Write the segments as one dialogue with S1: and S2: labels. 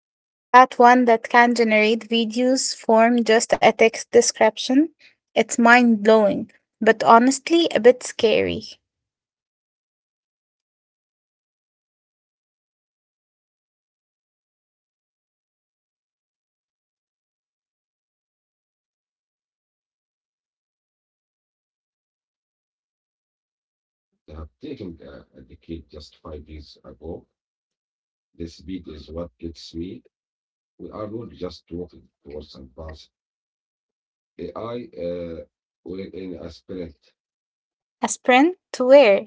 S1: Yeah,
S2: That one that can generate videos
S1: absolutely.
S2: from just a
S1: I
S2: text
S1: saw it.
S2: description?
S1: Yeah,
S2: It's mind blowing, but honestly a bit scary.
S1: absolutely. Yeah, Haja. I saw that. It feels like every month uh, there is a leap that would have taken a decade just five years ago. The speed is what gets me. We are not just walking towards advanced AI within a sprint.
S2: A sprint to where?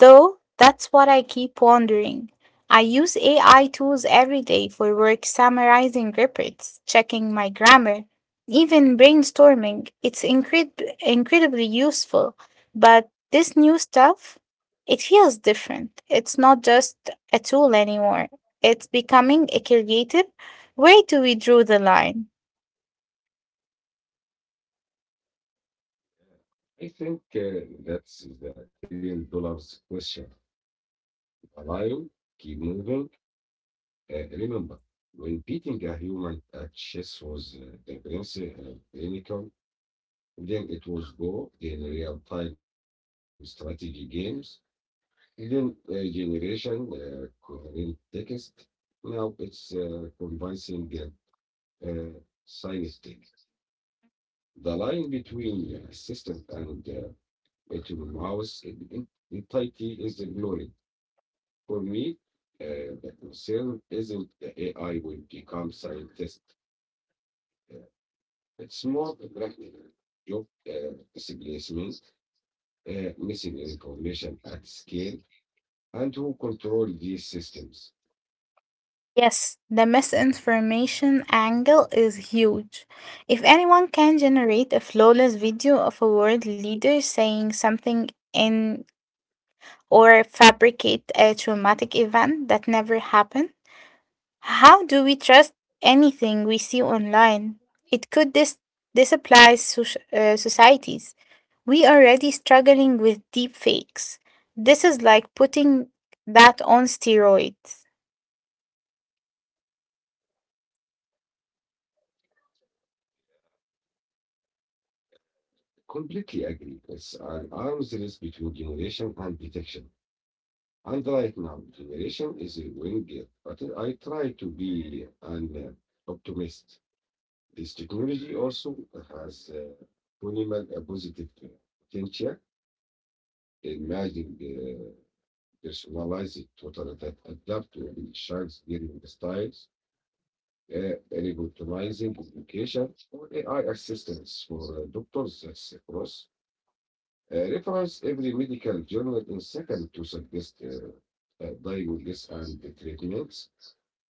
S2: Though that's what I keep wondering. I use AI tools every day for work, summarizing reports, checking my grammar, even brainstorming. It's incredibly useful. But this new stuff, it feels different. It's not just a tool anymore, it's becoming a creative. Where do we draw the line?
S1: I think that's the $1 trillion question. Alive, keep moving. Remember, when beating a human at chess was the principle, then it was Go, then real time strategy games, then generation, coherent text. Now it's convincing uh, uh, science. The line between assistant and to my house. Entirety is ignored. For me, the concern isn't the AI will become scientist. Uh, it's more the practical job displacement, missing information at scale, and who control these systems.
S2: Yes, the misinformation angle is huge. If anyone can generate a flawless video of a world leader saying something in or fabricate a traumatic event that never happened, how do we trust anything we see online? It could societies. We are already struggling with deep fakes. This is like putting that on steroids.
S1: Completely agree. It's an arms race between generation and detection. And right now, generation is a winged, but I try to be an optimist. This technology also has minimal a positive potential. Imagine the personalized total that adapt to the child's learning styles, revolutionizing education, or AI assistance for doctors that's across. Reference every medical journal in second to suggest diagnosis and the treatments.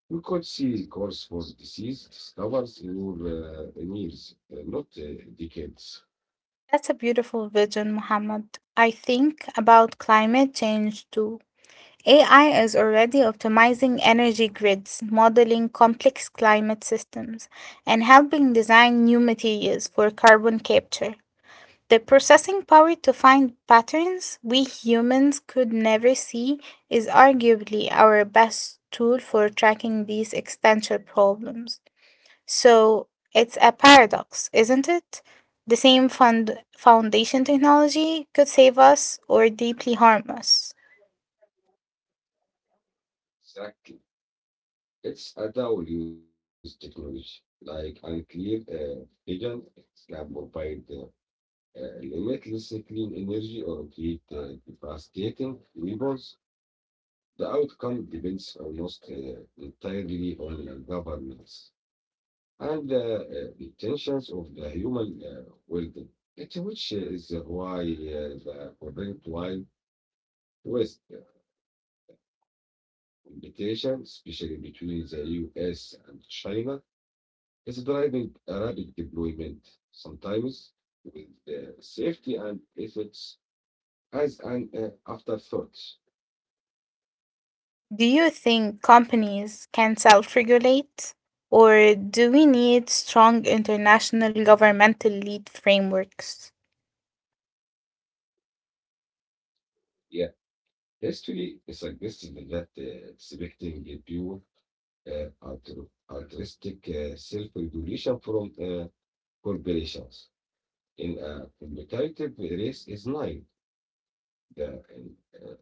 S1: We could see cause for disease discovers in your in years, not decades.
S2: That's a beautiful vision, Mohammed. I think about climate change too. AI is already optimizing energy grids, modeling complex climate systems, and helping design new materials for carbon capture. The processing power to find patterns we humans could never see is arguably our best tool for tracking these existential problems. So it's a paradox, isn't it? The same fund foundation technology could save us or deeply harm us.
S1: Exactly. It's a dual use technology, like unclear agent can provide limitless clean energy or create devastating weapons. The outcome depends almost entirely on governments and the intentions of the human world, It which is why the current wide West competition, especially between the US and China, is driving a rapid deployment, sometimes with safety and efforts as an afterthought.
S2: Do you think companies can self regulate? Or do we need strong international governmental lead frameworks?
S1: Yeah, history suggested that expecting a pure altruistic self-regulation from corporations in a competitive race is naive. The uh, uh,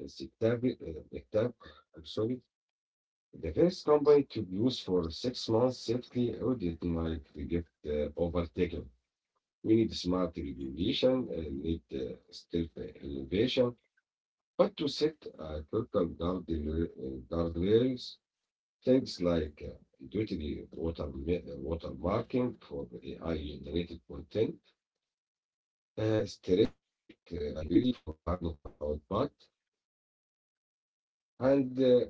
S1: insectari- uh, sector- I'm sorry. The first company to use for six months safety audit might get overtaken. We need smart regulation, need stealth innovation, but to set critical guardrails, things like duty water, water marking for AI-generated content, strict liability for harmful output, and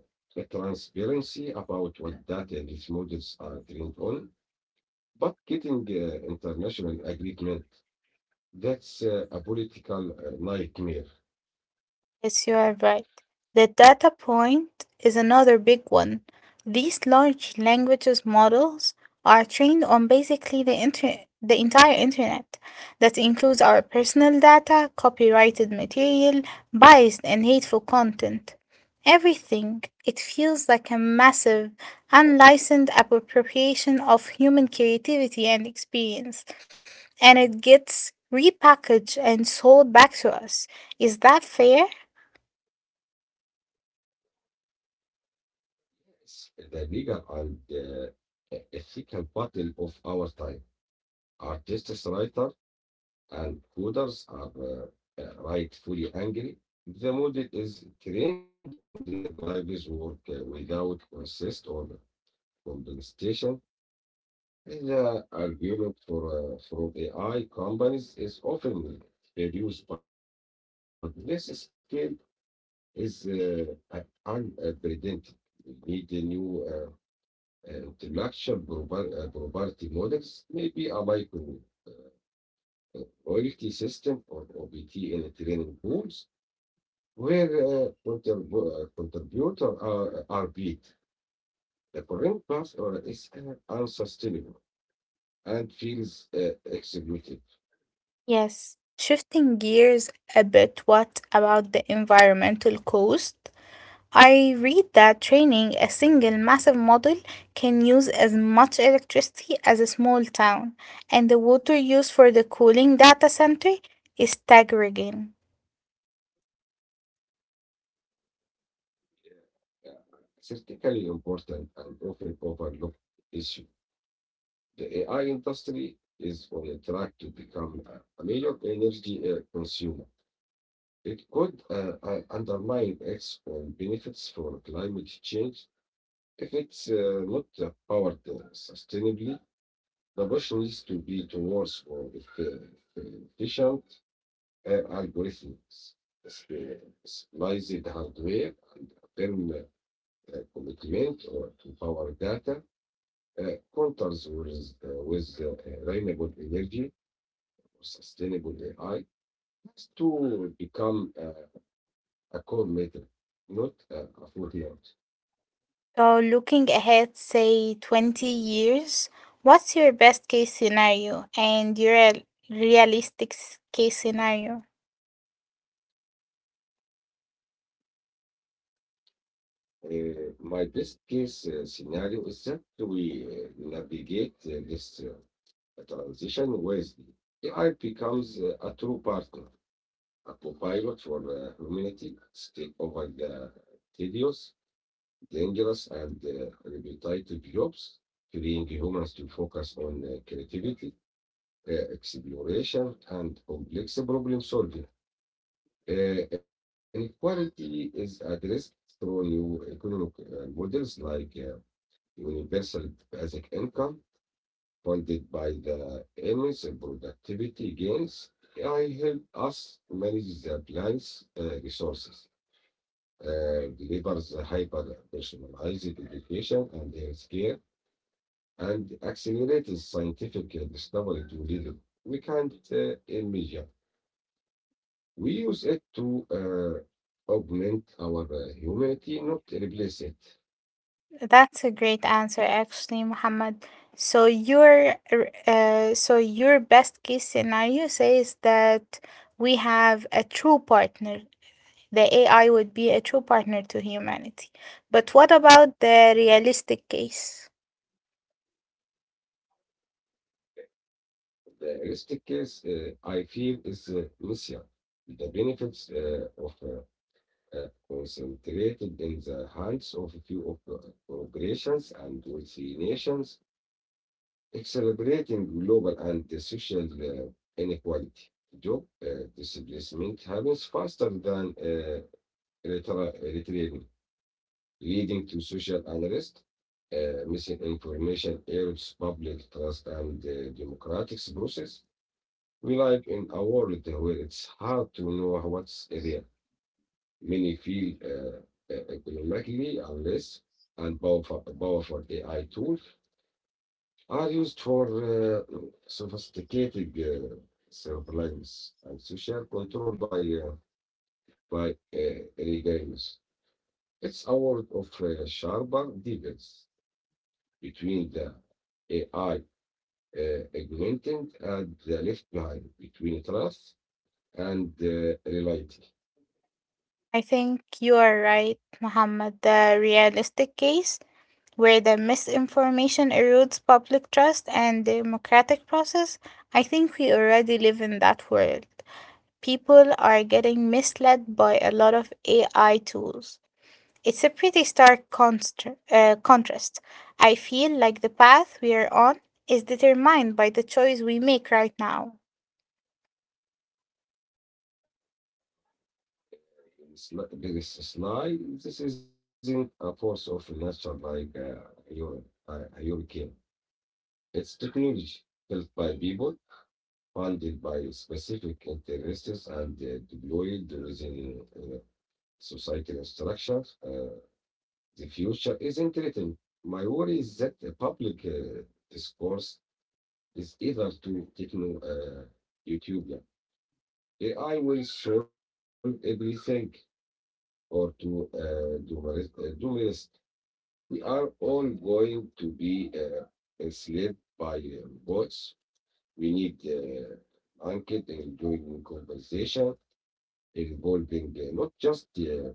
S1: transparency about what data these models are trained on. But getting international agreement, that's a political nightmare.
S2: Yes, you are right. The data point is another big one. These large languages models are trained on basically the the entire internet. That includes our personal data, copyrighted material, biased and hateful content. Everything. It feels like a massive, unlicensed appropriation of human creativity and experience. And it gets repackaged and sold back to us. Is that fair?
S1: It's the legal and ethical battle of our time. Artists, writers, and coders are rightfully angry. The model is trained on the private work without consist or compensation. The argument for from AI companies is often reduced, but this scale is uh, unprecedented. We need a new intellectual property models, maybe a micro uh, royalty system or OBT in training pools, where contributor are beat. The current path is unsustainable and feels executive.
S2: Yes, shifting gears a bit, what about the environmental cost? I read that training a single massive model can use as much electricity as a small town, and the water used for the cooling data center is staggering.
S1: Uh, Critically important and often overlooked issue. The AI industry is on a track to become a major energy consumer. It could undermine its own benefits for climate change if it's not powered sustainably. The push needs to be towards more efficient algorithms, specialized hardware, and a firm commitment or to power data uh, counters with, with renewable energy for sustainable AI has to become a core method, not a footnote.
S2: So, looking ahead, say 20 years, what's your best case scenario and your realistic case scenario?
S1: My best case scenario is that we navigate this transition wisely. AI becomes a true partner, a co-pilot for humanity, take over the tedious, dangerous, and repetitive jobs, freeing humans to focus on creativity, exploration, and complex problem solving. Uh, Inequality is addressed through new economic models like universal basic income, funded by the immense productivity gains. AI help us manage the planet's resources, delivers hyper personalized education and healthcare, and accelerates scientific discovery to little. We can't imagine. We use it to augment our humanity, not replace it.
S2: That's a great answer, actually, Muhammad. So your so your best case scenario says that we have a true partner. The AI would be a true partner to humanity. But what about the realistic case?
S1: The realistic case, I feel, is missing. The benefits of concentrated in the hands of a few of, corporations and wealthy nations, accelerating global and social inequality. Job displacement happens faster than retrieval. Leading to social unrest, misinformation erodes public trust and the democratic process. We live in a world where it's hard to know what's real. Many feel economically unless and powerful AI tools are used for sophisticated surveillance and social control by regimes. It's a world of sharper debates between the AI augmenting and the left behind between trust and reality.
S2: I think you are right, Muhammad. The realistic case where the misinformation erodes public trust and democratic process. I think we already live in that world. People are getting misled by a lot of AI tools. It's a pretty stark contrast. I feel like the path we are on is determined by the choice we make right now.
S1: It's not- slide. This isn't a force of nature like hu- a hurricane. It's technology built by people, funded by specific interests, and deployed within societal structure. The future isn't written. My worry is that the public discourse is either to techno YouTube, yeah. AI will solve everything or to do. We are all going to be enslaved by bots. We need anchored and doing conversation involving not just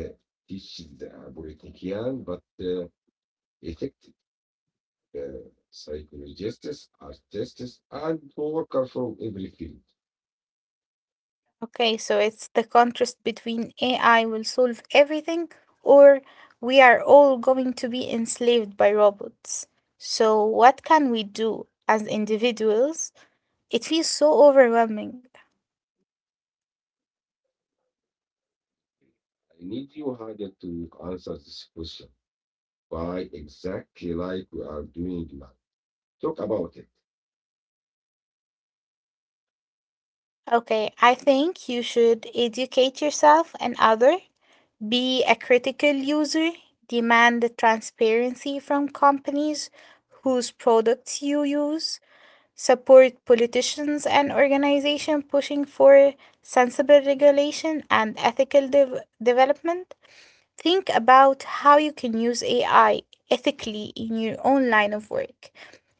S1: uh, teach the politician, but effective psychologists, artists, and workers from every field.
S2: Okay, so it's the contrast between AI will solve everything or we are all going to be enslaved by robots. So, what can we do as individuals? It feels so overwhelming.
S1: I need you harder to answer this question by exactly like we are doing now. Talk about it.
S2: Okay, I think you should educate yourself and other, be a critical user, demand the transparency from companies whose products you use, support politicians and organizations pushing for sensible regulation and ethical development. Think about how you can use AI ethically in your own line of work.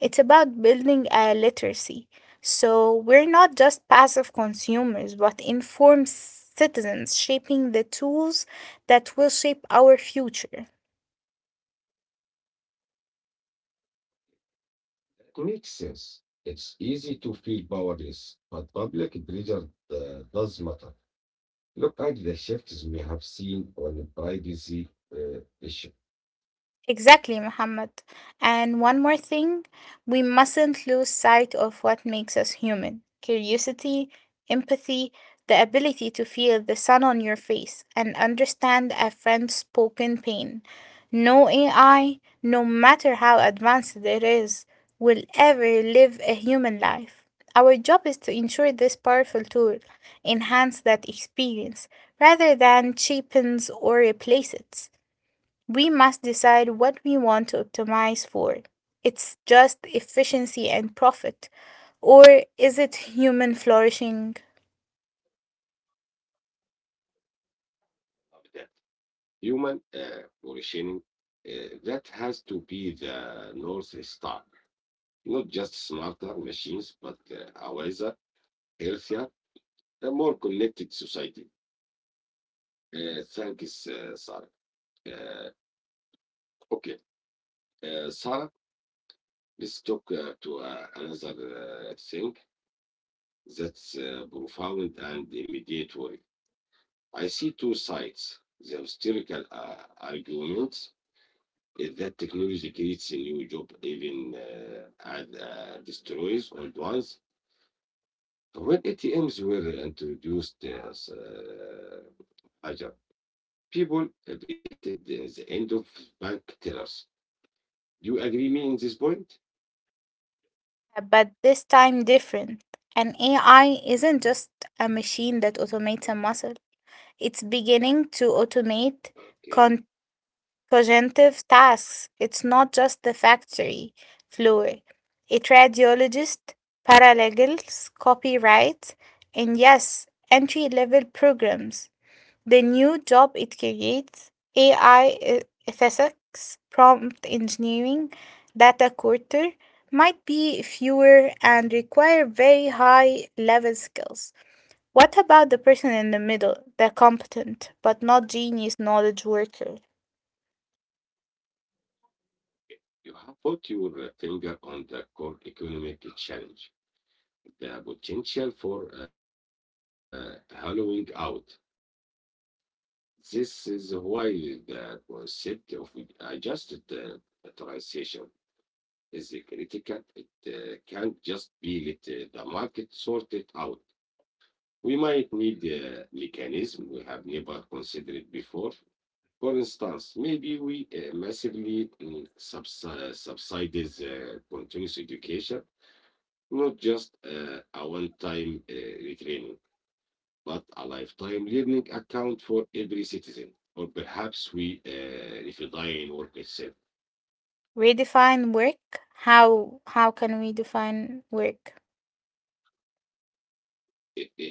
S2: It's about building a literacy. So we're not just passive consumers, but informed citizens shaping the tools that will shape our future.
S1: It makes sense. It's easy to feel powerless, but public pressure does matter. Look at the shifts we have seen on the privacy issue.
S2: Exactly, Muhammad. And one more thing, we mustn't lose sight of what makes us human curiosity, empathy, the ability to feel the sun on your face and understand a friend's spoken pain. No AI, no matter how advanced it is, will ever live a human life. Our job is to ensure this powerful tool enhance that experience rather than cheapens or replace it. We must decide what we want to optimize for. It's just efficiency and profit, or is it human flourishing?
S1: Of that human functioning, uh, that has to be the North Star. Not just smarter machines, but a wiser, healthier, a more connected society. Thank you, Sarah. Uh, okay, Sarah, let's talk to another thing that's profound and immediate worry. I see two sides. The historical argument is that technology creates a new job, even and destroys old ones. When ATMs were introduced, Hajar, people predicted the end of bank tellers. Do you agree me in this point?
S2: Yeah, but this time different. An AI isn't just a machine that automates a muscle, it's beginning to automate
S1: Okay.
S2: con- cognitive tasks. It's not just the factory floor, a radiologist, paralegals, copyright, and yes, entry level programs. The new job it creates, AI ethics, prompt engineering, data quarter, might be fewer and require very high level skills. What about the person in the middle, the competent but not genius knowledge worker?
S1: You have put your finger on the core economic challenge, the potential for hollowing out. This is why the concept of adjusted transition is critical. It can't just be let the market sort it out. We might need a mechanism we have never considered before. For instance, maybe we massively subsidize continuous education, not just a one time retraining, but a lifetime learning account for every citizen. Or perhaps we refine work itself.
S2: Redefine work? How can we define work?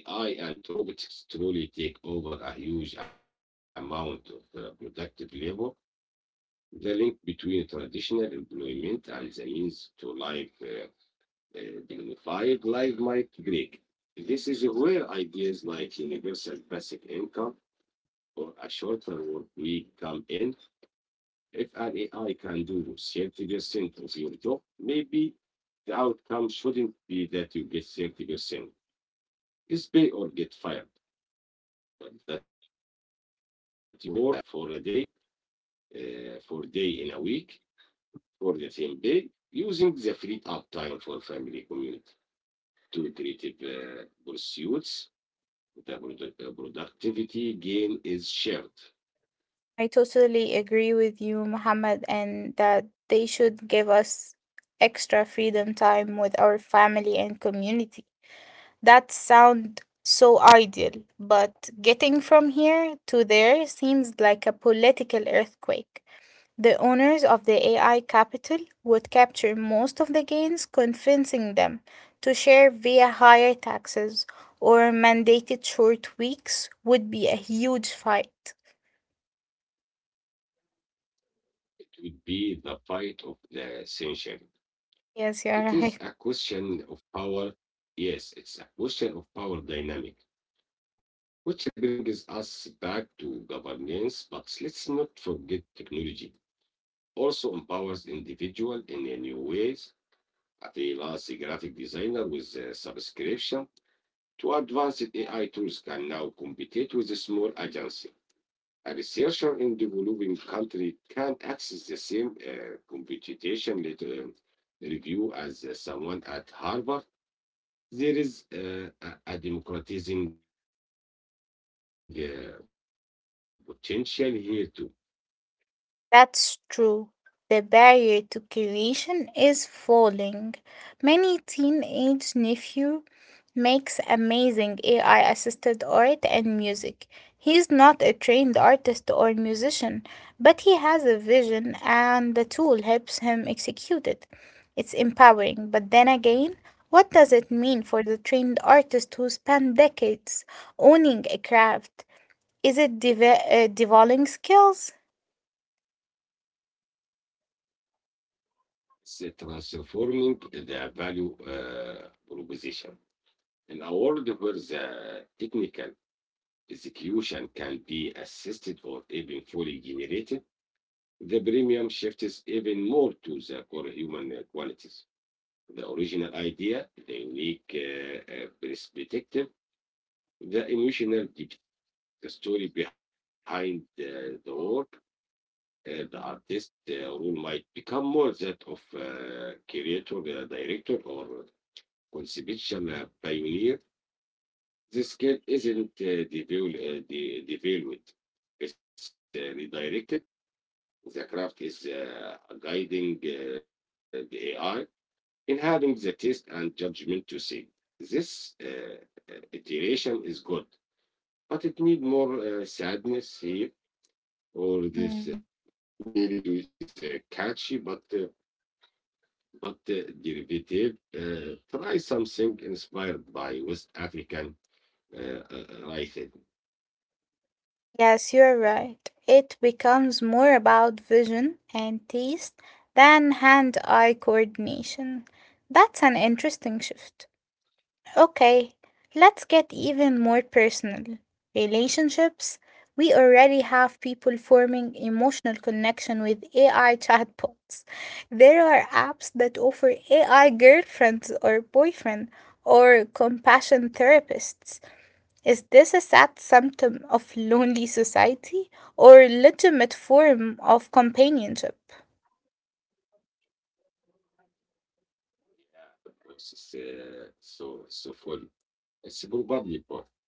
S1: If AI and robotics truly take over a huge amount of productive labor, the link between traditional employment and the means to live uh, dignified life might break. This is where ideas like universal basic income or a shorter work week come in. If an AI can do 30% of your job, maybe the outcome shouldn't be that you get 30%. It's pay or get fired, but that you work for a day in a week for the same day using the freed up time for family, community, to creative pursuits. Productivity gain is shared.
S2: I totally agree with you, Mohammed, and that they should give us extra freedom time with our family and community. That sound so ideal, but getting from here to there seems like a political earthquake. The owners of the AI capital would capture most of the gains. Convincing them to share via higher taxes or mandated short weeks would be a huge fight.
S1: It would be the fight of the century.
S2: Yes, you're right.
S1: It is a question of power. Yes, it's a question of power dynamic, which brings us back to governance. But let's not forget technology also empowers individual in a new ways. A freelance graphic designer with a subscription two advanced AI tools can now compete with a small agency. A researcher in developing country can access the same computation later review as someone at Harvard. There is a democratizing potential here too.
S2: That's true. The barrier to creation is falling. Many teenage nephew makes amazing AI assisted art and music. He's not a trained artist or musician, but he has a vision and the tool helps him execute it. It's empowering, but then again, what does it mean for the trained artist who spend decades owning a craft? Is it devolving skills?
S1: It's transforming the value proposition. In a world where the technical execution can be assisted or even fully generated, the premium shifts even more to the core human qualities the original idea, the unique perspective, the emotional depth, the story behind the work. The artist role might become more that of creator, director, or conceptual pioneer. This skill isn't developed, it's redirected. The craft is guiding the AI in having the taste and judgment to say this iteration is good, but it needs more sadness here, or this melody is catchy but derivative. Try something inspired by West African writing.
S2: Yes, you're right. It becomes more about vision and taste than hand eye coordination. That's an interesting shift. Okay, let's get even more personal. Relationships. We already have people forming emotional connection with AI chatbots. There are apps that offer AI girlfriends or boyfriend or compassion therapists. Is this a sad symptom of lonely society or legitimate form of companionship?
S1: Yeah, it's for it's probably part.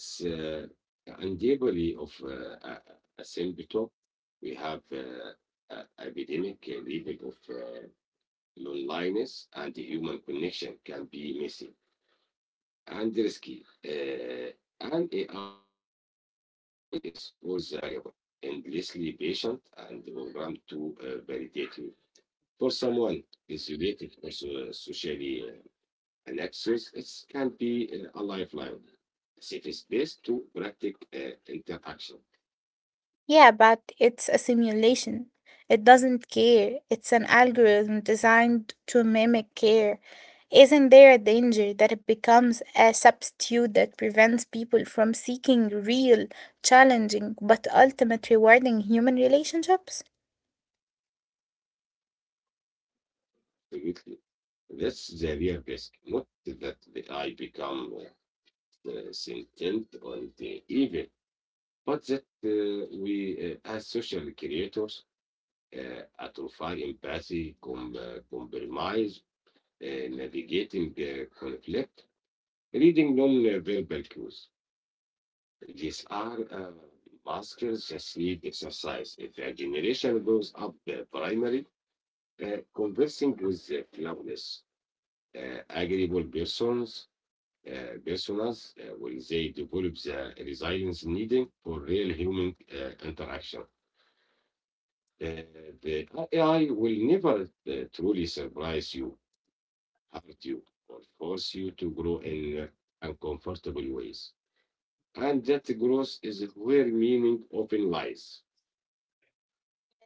S1: It's and the ability of a, a simple We have a epidemic level of loneliness, and the human connection can be messy and risky. And AI is always available, endlessly patient, and programmed to validate you. For someone isolated or socially an access is, can be a lifeline, a safe space to practice interaction.
S2: Yeah, but it's a simulation. It doesn't care. It's an algorithm designed to mimic care. Isn't there a danger that it becomes a substitute that prevents people from seeking real, challenging, but ultimate rewarding human relationships?
S1: Absolutely. That's the real risk, not that the I become sentient on the evil, but that we, as social creators, atrophy empathy, compromise, navigating conflict, reading non-verbal cues. These are masters just need exercise. If a generation grows up primary, conversing with flawless, agreeable persons, personas, will they develop the resilience needed for real human interaction? Uh, the AI will never truly surprise you, hurt you, or force you to grow in uncomfortable ways. And that growth is where meaning often lies.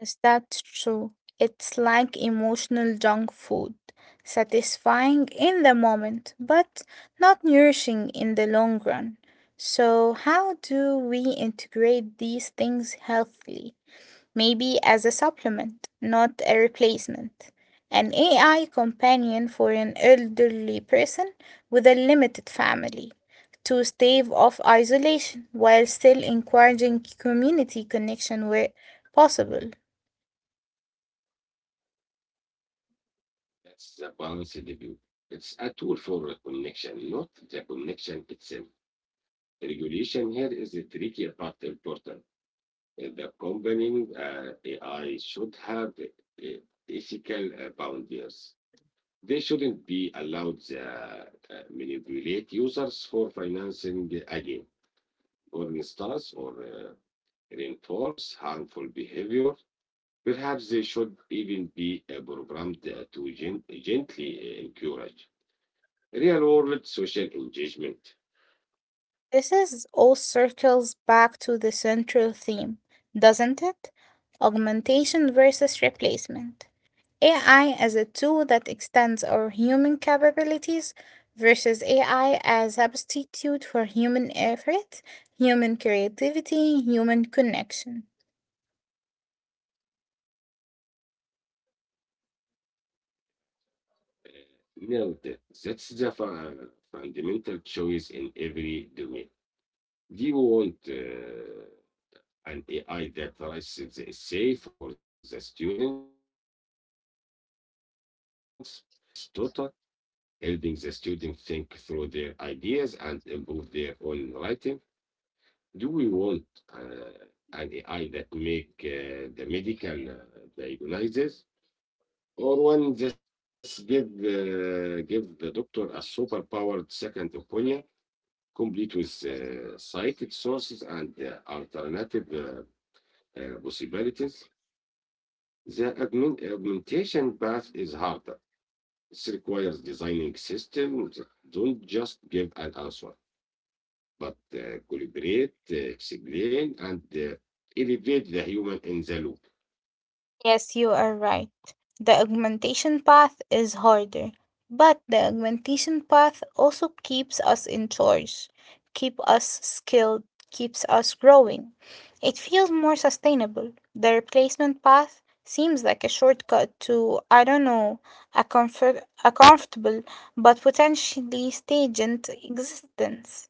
S2: Yes, that's true. It's like emotional junk food, satisfying in the moment, but not nourishing in the long run. So, how do we integrate these things healthily? Maybe as a supplement, not a replacement. An AI companion for an elderly person with a limited family to stave off isolation while still encouraging community connection where possible.
S1: That's the balance review. It's a tool for connection, not the connection itself. Regulation here is the tricky but important. The company AI should have ethical boundaries. They shouldn't be allowed to manipulate users for financing again, or instance, or reinforce harmful behavior. Perhaps they should even be programmed to gently encourage real world social engagement.
S2: This is all circles back to the central theme, doesn't it? Augmentation versus replacement. AI as a tool that extends our human capabilities versus AI as a substitute for human effort, human creativity, human connection.
S1: Now, That's the fundamental choice in every domain. Do you want an AI that writes the essay for the students, or an AI that acts as a tireless tutor, helping the student think through their ideas and improve their own writing? Do we want uh, an AI that make the medical diagnosis, or one just give give the doctor a superpowered second opinion, complete with cited sources and alternative possibilities? The augmentation path is harder. It requires designing systems that don't just give an answer, but collaborate, explain, and elevate the human in the loop.
S2: Yes, you are right. The augmentation path is harder, but the augmentation path also keeps us in charge, keep us skilled, keeps us growing. It feels more sustainable. The replacement path seems like a shortcut to, I don't know, a comfortable but potentially stagnant existence.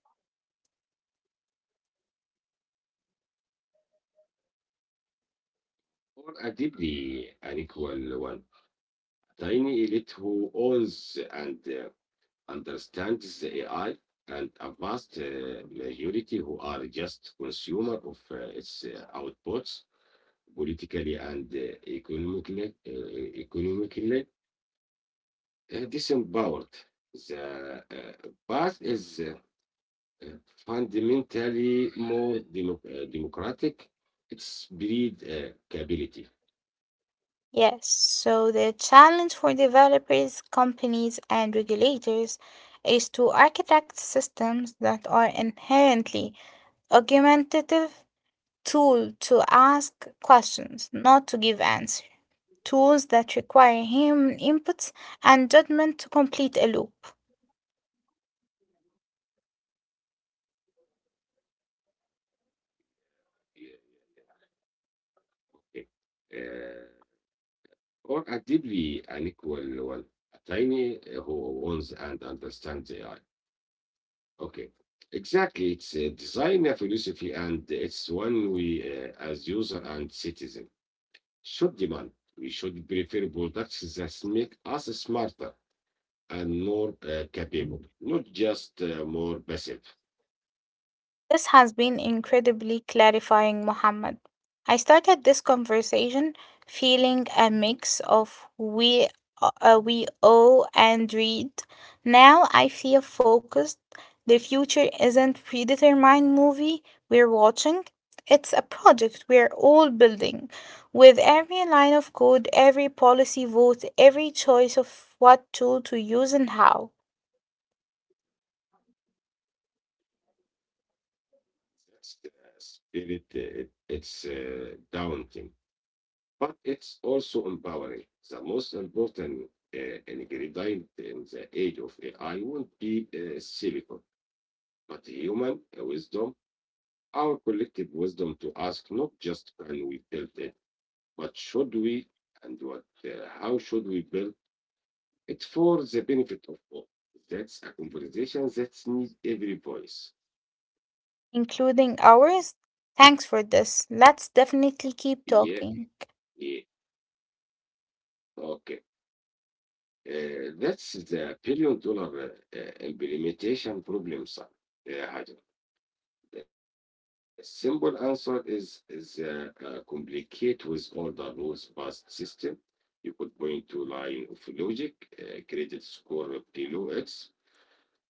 S1: Or a deeply unequal one, tiny elite who owns and understands the AI, and a vast majority who are just consumer of its outputs, politically and economically disempowered. The path is uh, fundamentally more democratic. It's breed capability.
S2: Yes, so the challenge for developers, companies, and regulators is to architect systems that are inherently argumentative tool to ask questions, not to give answers, tools that require human inputs and judgment to complete a loop.
S1: Uh, Or actively unequal one, a tiny eh, who owns and understands AI. Okay. Exactly. It's a designer philosophy, and it's one we, as user and citizen, should demand. We should prefer products that make us smarter and more capable, not just more passive.
S2: This has been incredibly clarifying, Mohammed. I started this conversation feeling a mix of we owe and read. Now I feel focused. The future isn't predetermined movie we're watching. It's a project we're all building, with every line of code, every policy vote, every choice of what tool to use and how.
S1: That's the spirit. It's daunting, but it's also empowering. The most important uh, ingredient in the age of AI won't be silicon, but human wisdom, our collective wisdom to ask not just can we build it, but should we, and how should we build it for the benefit of all. That's a conversation that needs every voice.
S2: Including ours. Thanks for this. Let's definitely keep talking.
S1: Yeah, yeah, okay. That's the billion dollar implementation problem, sir. The simple answer is complicate with all the rules based system. You could point to line of logic, credit score below X,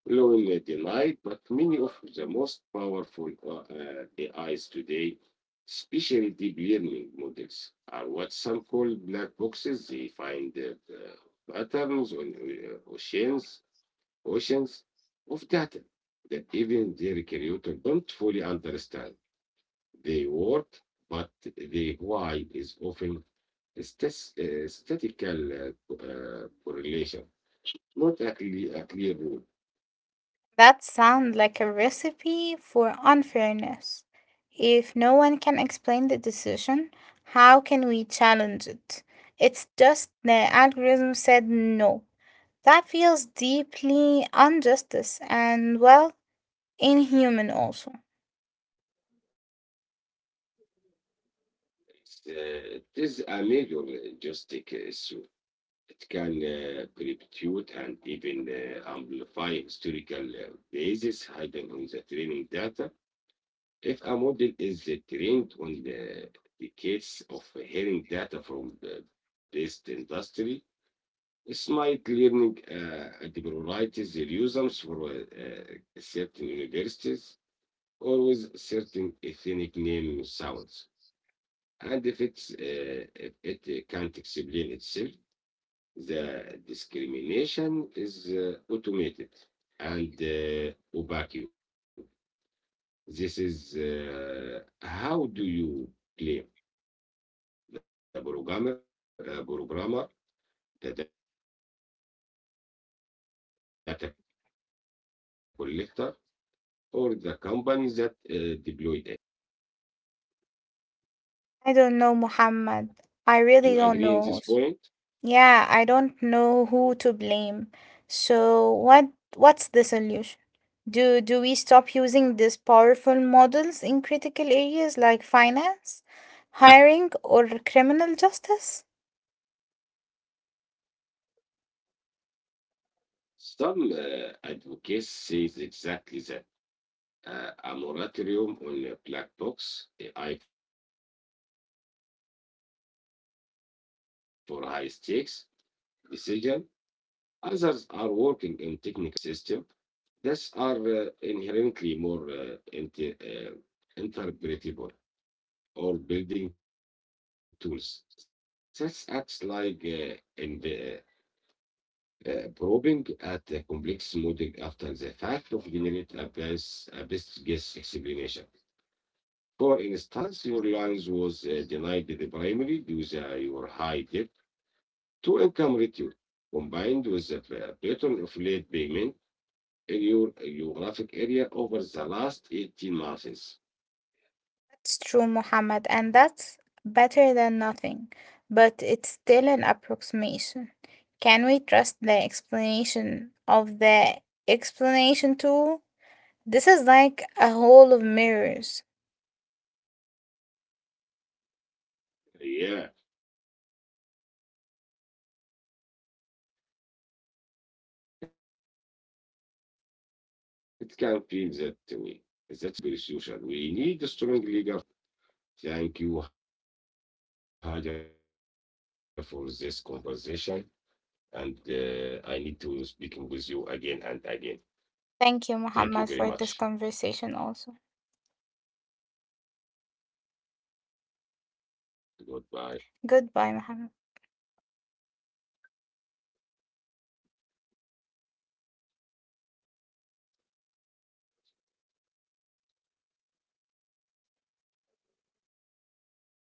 S1: loan denied, but many of the most powerful AIs today, especially deep learning models, are what some call black boxes. They find patterns on oceans of data that even their creator don't fully understand. They work, but the why is often a statistical correlation, not a clear rule.
S2: That sounds like a recipe for unfairness. If no one can explain the decision, how can we challenge it? It's just the algorithm said no. That feels deeply injustice and, well, inhuman also.
S1: It's, it is a major juristic issue. It can perpetuate and even amplify historical biases hidden in the training data. If a model is trained on the decades of hearing data from the best industry, smart learning priorities their users for certain universities or with certain ethnic name sounds. And if it's if it can't explain itself, the discrimination is automated and opaque. This is how do you claim the programmer, the data collector, or the company that deployed it?
S2: I don't know, Muhammad.
S1: Do you
S2: I
S1: agree
S2: really
S1: in this
S2: don't
S1: point?
S2: know. Yeah, I don't know who to blame. So what's the solution? Do we stop using these powerful models in critical areas like finance, hiring, or criminal justice?
S1: Some advocates says exactly that. A moratorium on a black box, AI for high stakes decision. Others are working on technical solution, creating a explainable AI system that are inherently more interpretable, or building tools. This acts like in the probing at the complex model after the fact of generate a best guess explanation. For instance, your lines was denied the primary due to your high debt to income ratio combined with the pattern of late payment in your geographic area
S2: That's
S1: over
S2: true,
S1: the last
S2: Muhammad, and
S1: 18
S2: that's
S1: months.
S2: better than nothing, but it's still an approximation. Can we trust the explanation of the explanation tool? This is like a hall of mirrors.
S1: Yeah, It can feel that way. That's why many believe the answer isn't purely technical. It's a very social. We need a strong legal framework, AI right to explanation. Thank you, Haja, for this
S2: Thank you, Muhammad,
S1: conversation.
S2: for this
S1: And
S2: conversation also.
S1: I need to speaking with you again and again. Thank you very much.
S2: Goodbye, Muhammad.
S1: Goodbye.